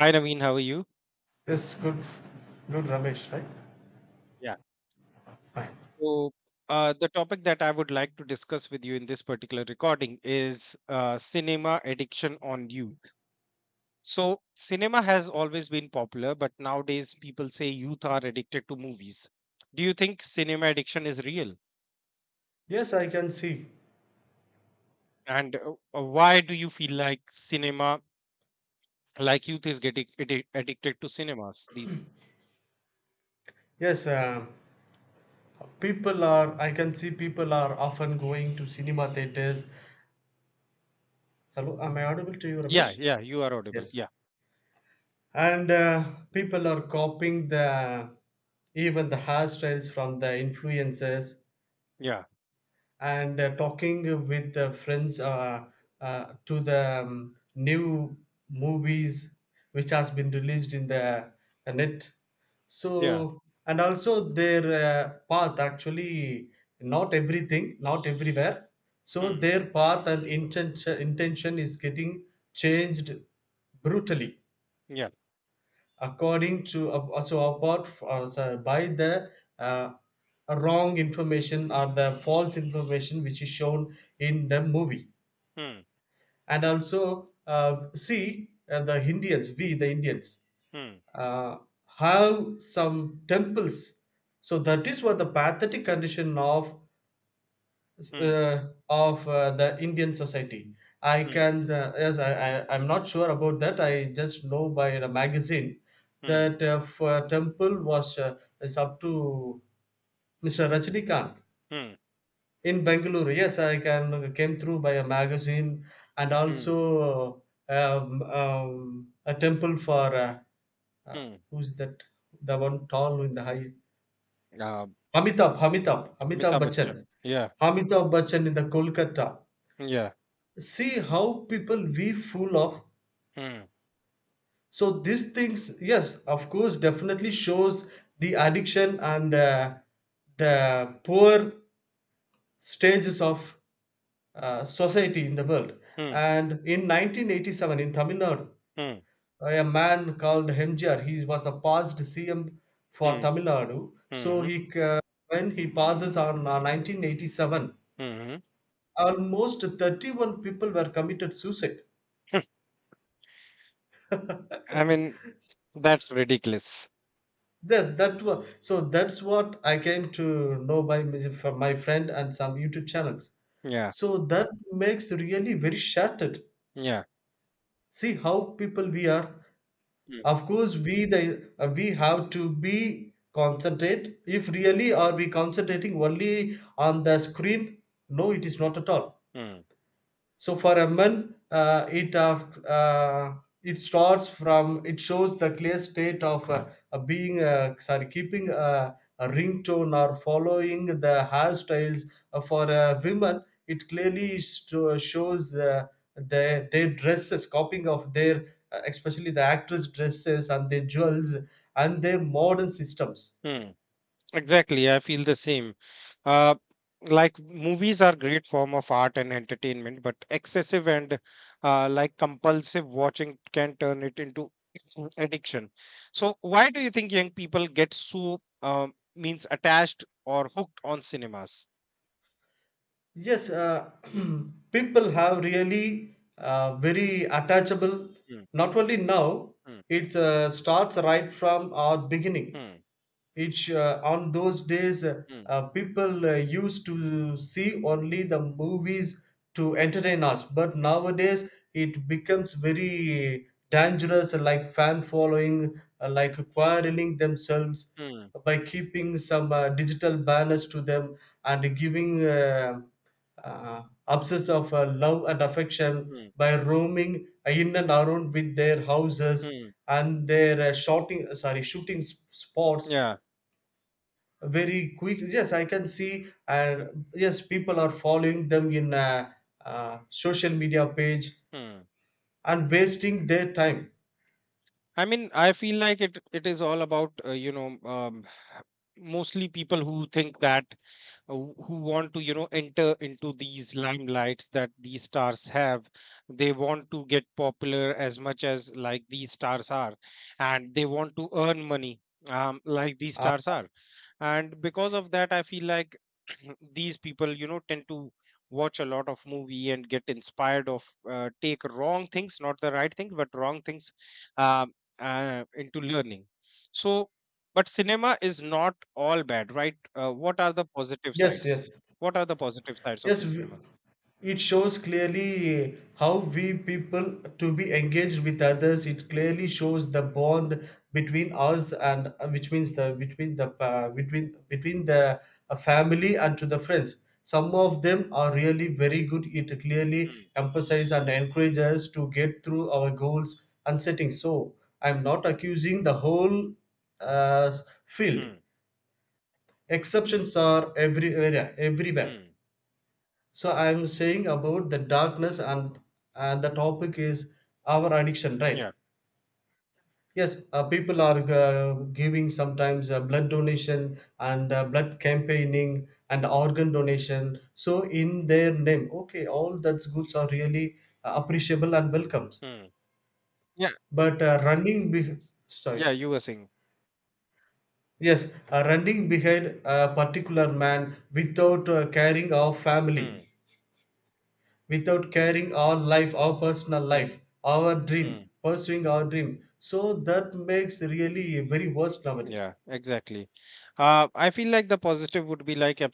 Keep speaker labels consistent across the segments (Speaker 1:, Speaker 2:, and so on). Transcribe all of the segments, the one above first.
Speaker 1: Hi, Naveen. How are you?
Speaker 2: Yes, good, good Ramesh, right?
Speaker 1: Yeah.
Speaker 2: Fine.
Speaker 1: So, the topic that I would like to discuss with you in this particular recording is cinema addiction on youth. So, cinema has always been popular, but nowadays people say youth are addicted to movies. Do you think cinema addiction is real?
Speaker 2: Yes, I can see.
Speaker 1: And Why do you feel like cinema, like youth is getting addicted to cinemas?
Speaker 2: Yes, um, People are, I can see people are often going to cinema theaters. Hello, am I audible to you, Ramesh?
Speaker 1: Yeah, yeah, you are audible.
Speaker 2: Yes.
Speaker 1: Yeah,
Speaker 2: And people are copying the even the hairstyles from the influencers
Speaker 1: yeah,
Speaker 2: and talking with the friends to the new movies which has been released in the net,
Speaker 1: yeah.
Speaker 2: so, and also their path, actually, not everything, not everywhere, so
Speaker 1: Hmm,
Speaker 2: their path and intention is getting changed brutally
Speaker 1: yeah.
Speaker 2: according to so so by the uh, wrong information or the false information which is shown in the movie.
Speaker 1: Hmm,
Speaker 2: And also see, the indians, we the indians,
Speaker 1: hmm,
Speaker 2: uh, have some temples, so that is what the pathetic condition
Speaker 1: hmm,
Speaker 2: of the Indian society. I
Speaker 1: hmm,
Speaker 2: can yes, I I'm not sure about that. I just know by the magazine
Speaker 1: hmm,
Speaker 2: that for temple was is up to Mr. Rajnikant
Speaker 1: hmm,
Speaker 2: in Bengaluru. Yes, I can came through by a magazine. And
Speaker 1: hmm,
Speaker 2: also a temple for uh,
Speaker 1: hmm.
Speaker 2: who's that, the one tall in the high,
Speaker 1: Uh,
Speaker 2: Amitabh
Speaker 1: Amitabh Bachchan.
Speaker 2: Bachchan.
Speaker 1: Yeah,
Speaker 2: Amitabh Bachchan in the Kolkata.
Speaker 1: yeah.
Speaker 2: See how people we fool of,
Speaker 1: Mm,
Speaker 2: so these things, yes, of course, definitely shows the addiction and the poor stages of society in the world.
Speaker 1: mm,
Speaker 2: And in 1987 in tamil nadu,
Speaker 1: mm,
Speaker 2: a man called mjr, he was a past cm for
Speaker 1: mm,
Speaker 2: tamil nadu. So
Speaker 1: mhm,
Speaker 2: he uh, when he passes on 1987,
Speaker 1: mhm.
Speaker 2: almost 31 people were committed suicide.
Speaker 1: I mean, that's ridiculous.
Speaker 2: Yes, that was so. That's what I came to know by my- from my friend and some YouTube channels.
Speaker 1: Yeah,
Speaker 2: So that makes really very shattered.
Speaker 1: yeah.
Speaker 2: See how people we are.
Speaker 1: Mm,
Speaker 2: Of course, we have to be concentrate. If really are we concentrating only on the screen? No, it is not at all.
Speaker 1: mm,
Speaker 2: So for a man, it starts from, it shows the clear state of being, sorry, keeping a ringtone or following the hairstyles. For a women, it clearly shows their dresses, copying of their especially the actress dresses and their jewels and their modern systems.
Speaker 1: mm. Exactly. I feel the same. Uh, like movies are great form of art and entertainment, but excessive and like compulsive watching can turn it into addiction. So, why do you think young people get so means attached or hooked on cinemas?
Speaker 2: Yes, uh, people have really very attachable.
Speaker 1: Mm,
Speaker 2: Not only now,
Speaker 1: mm,
Speaker 2: it starts right from our beginning.
Speaker 1: mm.
Speaker 2: It's on those days
Speaker 1: Hmm.
Speaker 2: people used to see only the movies to entertain us, but nowadays it becomes very dangerous, like fan following, like quarreling themselves
Speaker 1: Hmm.
Speaker 2: by keeping some digital banners to them and giving. Obsess of love and affection
Speaker 1: Hmm.
Speaker 2: by roaming in and around with their houses
Speaker 1: Mm,
Speaker 2: and their shooting spots
Speaker 1: yeah,
Speaker 2: very quick. Yes, I can see, and yes, people are following them in a, social media page
Speaker 1: hmm.
Speaker 2: and wasting their time.
Speaker 1: I feel like it is all about mostly people who think that who want to enter into these limelights that these stars have. They want to get popular as much as like these stars are, and they want to earn money, like these
Speaker 2: Uh,
Speaker 1: stars are. And because of that, I feel like these people, tend to watch a lot of movie and get inspired of, take wrong things, not the right things, but wrong things, um, into learning. So, but cinema is not all bad, right? What are the positive
Speaker 2: yes
Speaker 1: sides?
Speaker 2: yes
Speaker 1: What are the positive sides of
Speaker 2: yes
Speaker 1: a
Speaker 2: we-
Speaker 1: cinema?
Speaker 2: It shows clearly how we people to be engaged with others. It clearly shows the bond between us and which means the between the between the family and to the friends. Some of them are really very good. It clearly
Speaker 1: Hmm.
Speaker 2: emphasizes and encourages us to get through our goals and settings. So I'm not accusing the whole uh, field.
Speaker 1: Hmm.
Speaker 2: Exceptions are everywhere. Everywhere.
Speaker 1: Hmm.
Speaker 2: So I'm saying about the darkness and the topic is our addiction, right?
Speaker 1: Yeah.
Speaker 2: Yes, People are giving sometimes blood donation and blood campaigning and organ donation. So in their name, okay, all that's goods are really appreciable and welcomed.
Speaker 1: Hmm. Yeah.
Speaker 2: But running, be- sorry,
Speaker 1: Yeah. You were saying.
Speaker 2: yes, running behind a particular man without caring of
Speaker 1: Hmm.
Speaker 2: family, without carrying our life, our personal
Speaker 1: Hmm.
Speaker 2: life, our
Speaker 1: Hmm.
Speaker 2: dream, pursuing our dream. So that makes really very worst nowadays.
Speaker 1: Yeah, exactly. I feel like the positive would be like a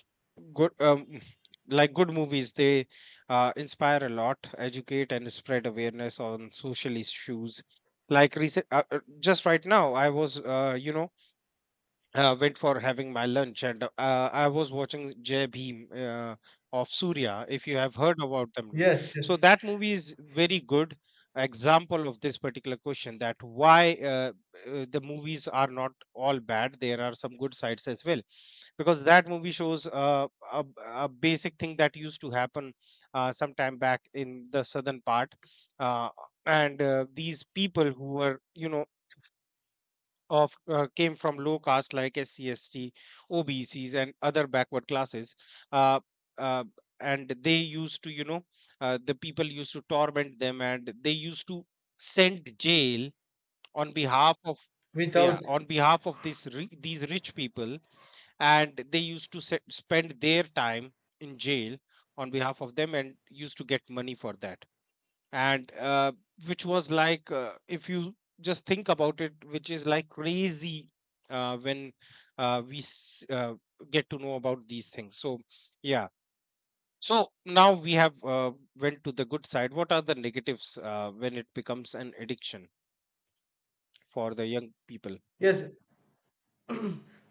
Speaker 1: good, like good movies. They inspire a lot, educate, and spread awareness on social issues. Like recent, just right now, I was, went for having my lunch, and I was watching Jai Bhim, of Surya, if you have heard about the movie.
Speaker 2: Yes,
Speaker 1: So
Speaker 2: yes.
Speaker 1: that movie is very good example of this particular question, that why the movies are not all bad. There are some good sides as well, because that movie shows a basic thing that used to happen sometime back in the southern part. Uh, and These people who were, you know, of came from low caste like SCST, OBCs, and other backward classes. Uh, uh, and they used to, you know, the people used to torment them, and they used to send jail on behalf of, yeah,
Speaker 2: Without,
Speaker 1: on behalf of these rich people, and they used to spend their time in jail on behalf of them, and used to get money for that, and which was like, if you just think about it, which is like crazy, uh, when uh, we s- uh, get to know about these things. So yeah, so now we have, went to the good side. What are the negatives when it becomes an addiction for the young people?
Speaker 2: yes,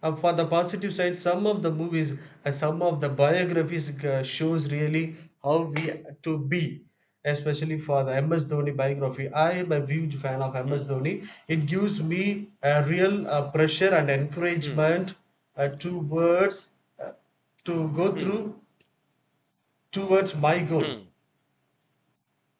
Speaker 2: for the positive side, some of the movies, some of the biographies shows really how we to be. Especially for the MS Dhoni biography, I am a huge fan of MS
Speaker 1: Hmm,
Speaker 2: Dhoni. It gives me a real pressure and
Speaker 1: hmm,
Speaker 2: encouragement towards uh, to go
Speaker 1: hmm,
Speaker 2: through towards my goal.
Speaker 1: hmm,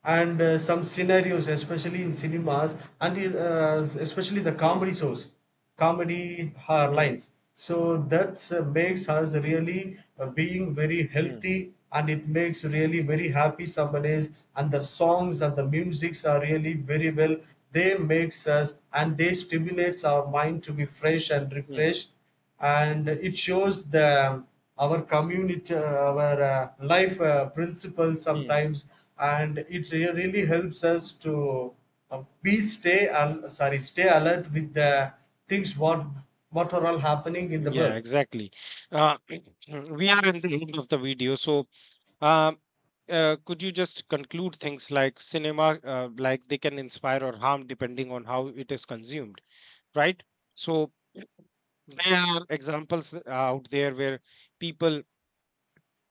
Speaker 2: And some scenarios, especially in cinemas and in, especially the
Speaker 1: hmm,
Speaker 2: comedy shows, comedy
Speaker 1: hmm,
Speaker 2: lines, so that makes us really being very
Speaker 1: hmm,
Speaker 2: healthy, and it makes really very happy someone is. And the songs and the musics are really very well, they makes us and they stimulates our mind to be fresh and
Speaker 1: hmm,
Speaker 2: refreshed. And it shows the our community, our life principles
Speaker 1: hmm.
Speaker 2: sometimes, and it really helps us to be stay al- sorry stay alert with the things what are all happening in the
Speaker 1: Yeah,
Speaker 2: world.
Speaker 1: exactly. Uh, we are in the end of the video, so um, could you just conclude things like cinema, like they can inspire or harm depending on how it is consumed, right? So there are examples out there where people,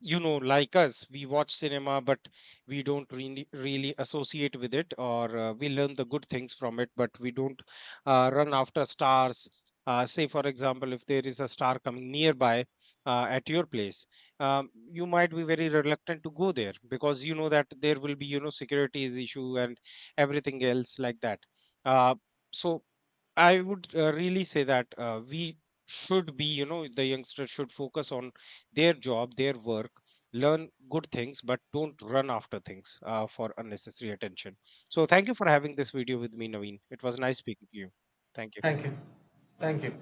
Speaker 1: you know, like us, we watch cinema, but we don't really associate with it, or we learn the good things from it, but we don't run after stars. Say for example, if there is a star coming nearby, at your place, you might be very reluctant to go there because you know that there will be, you know, securities issue and everything else like that. Uh, so I would, really say that we should be, you know, the youngsters should focus on their job, their work, learn good things, but don't run after things, for unnecessary attention. So, thank you for having this video with me, Naveen. It was nice speaking to you. Thank you.
Speaker 2: Thank you. Thank you.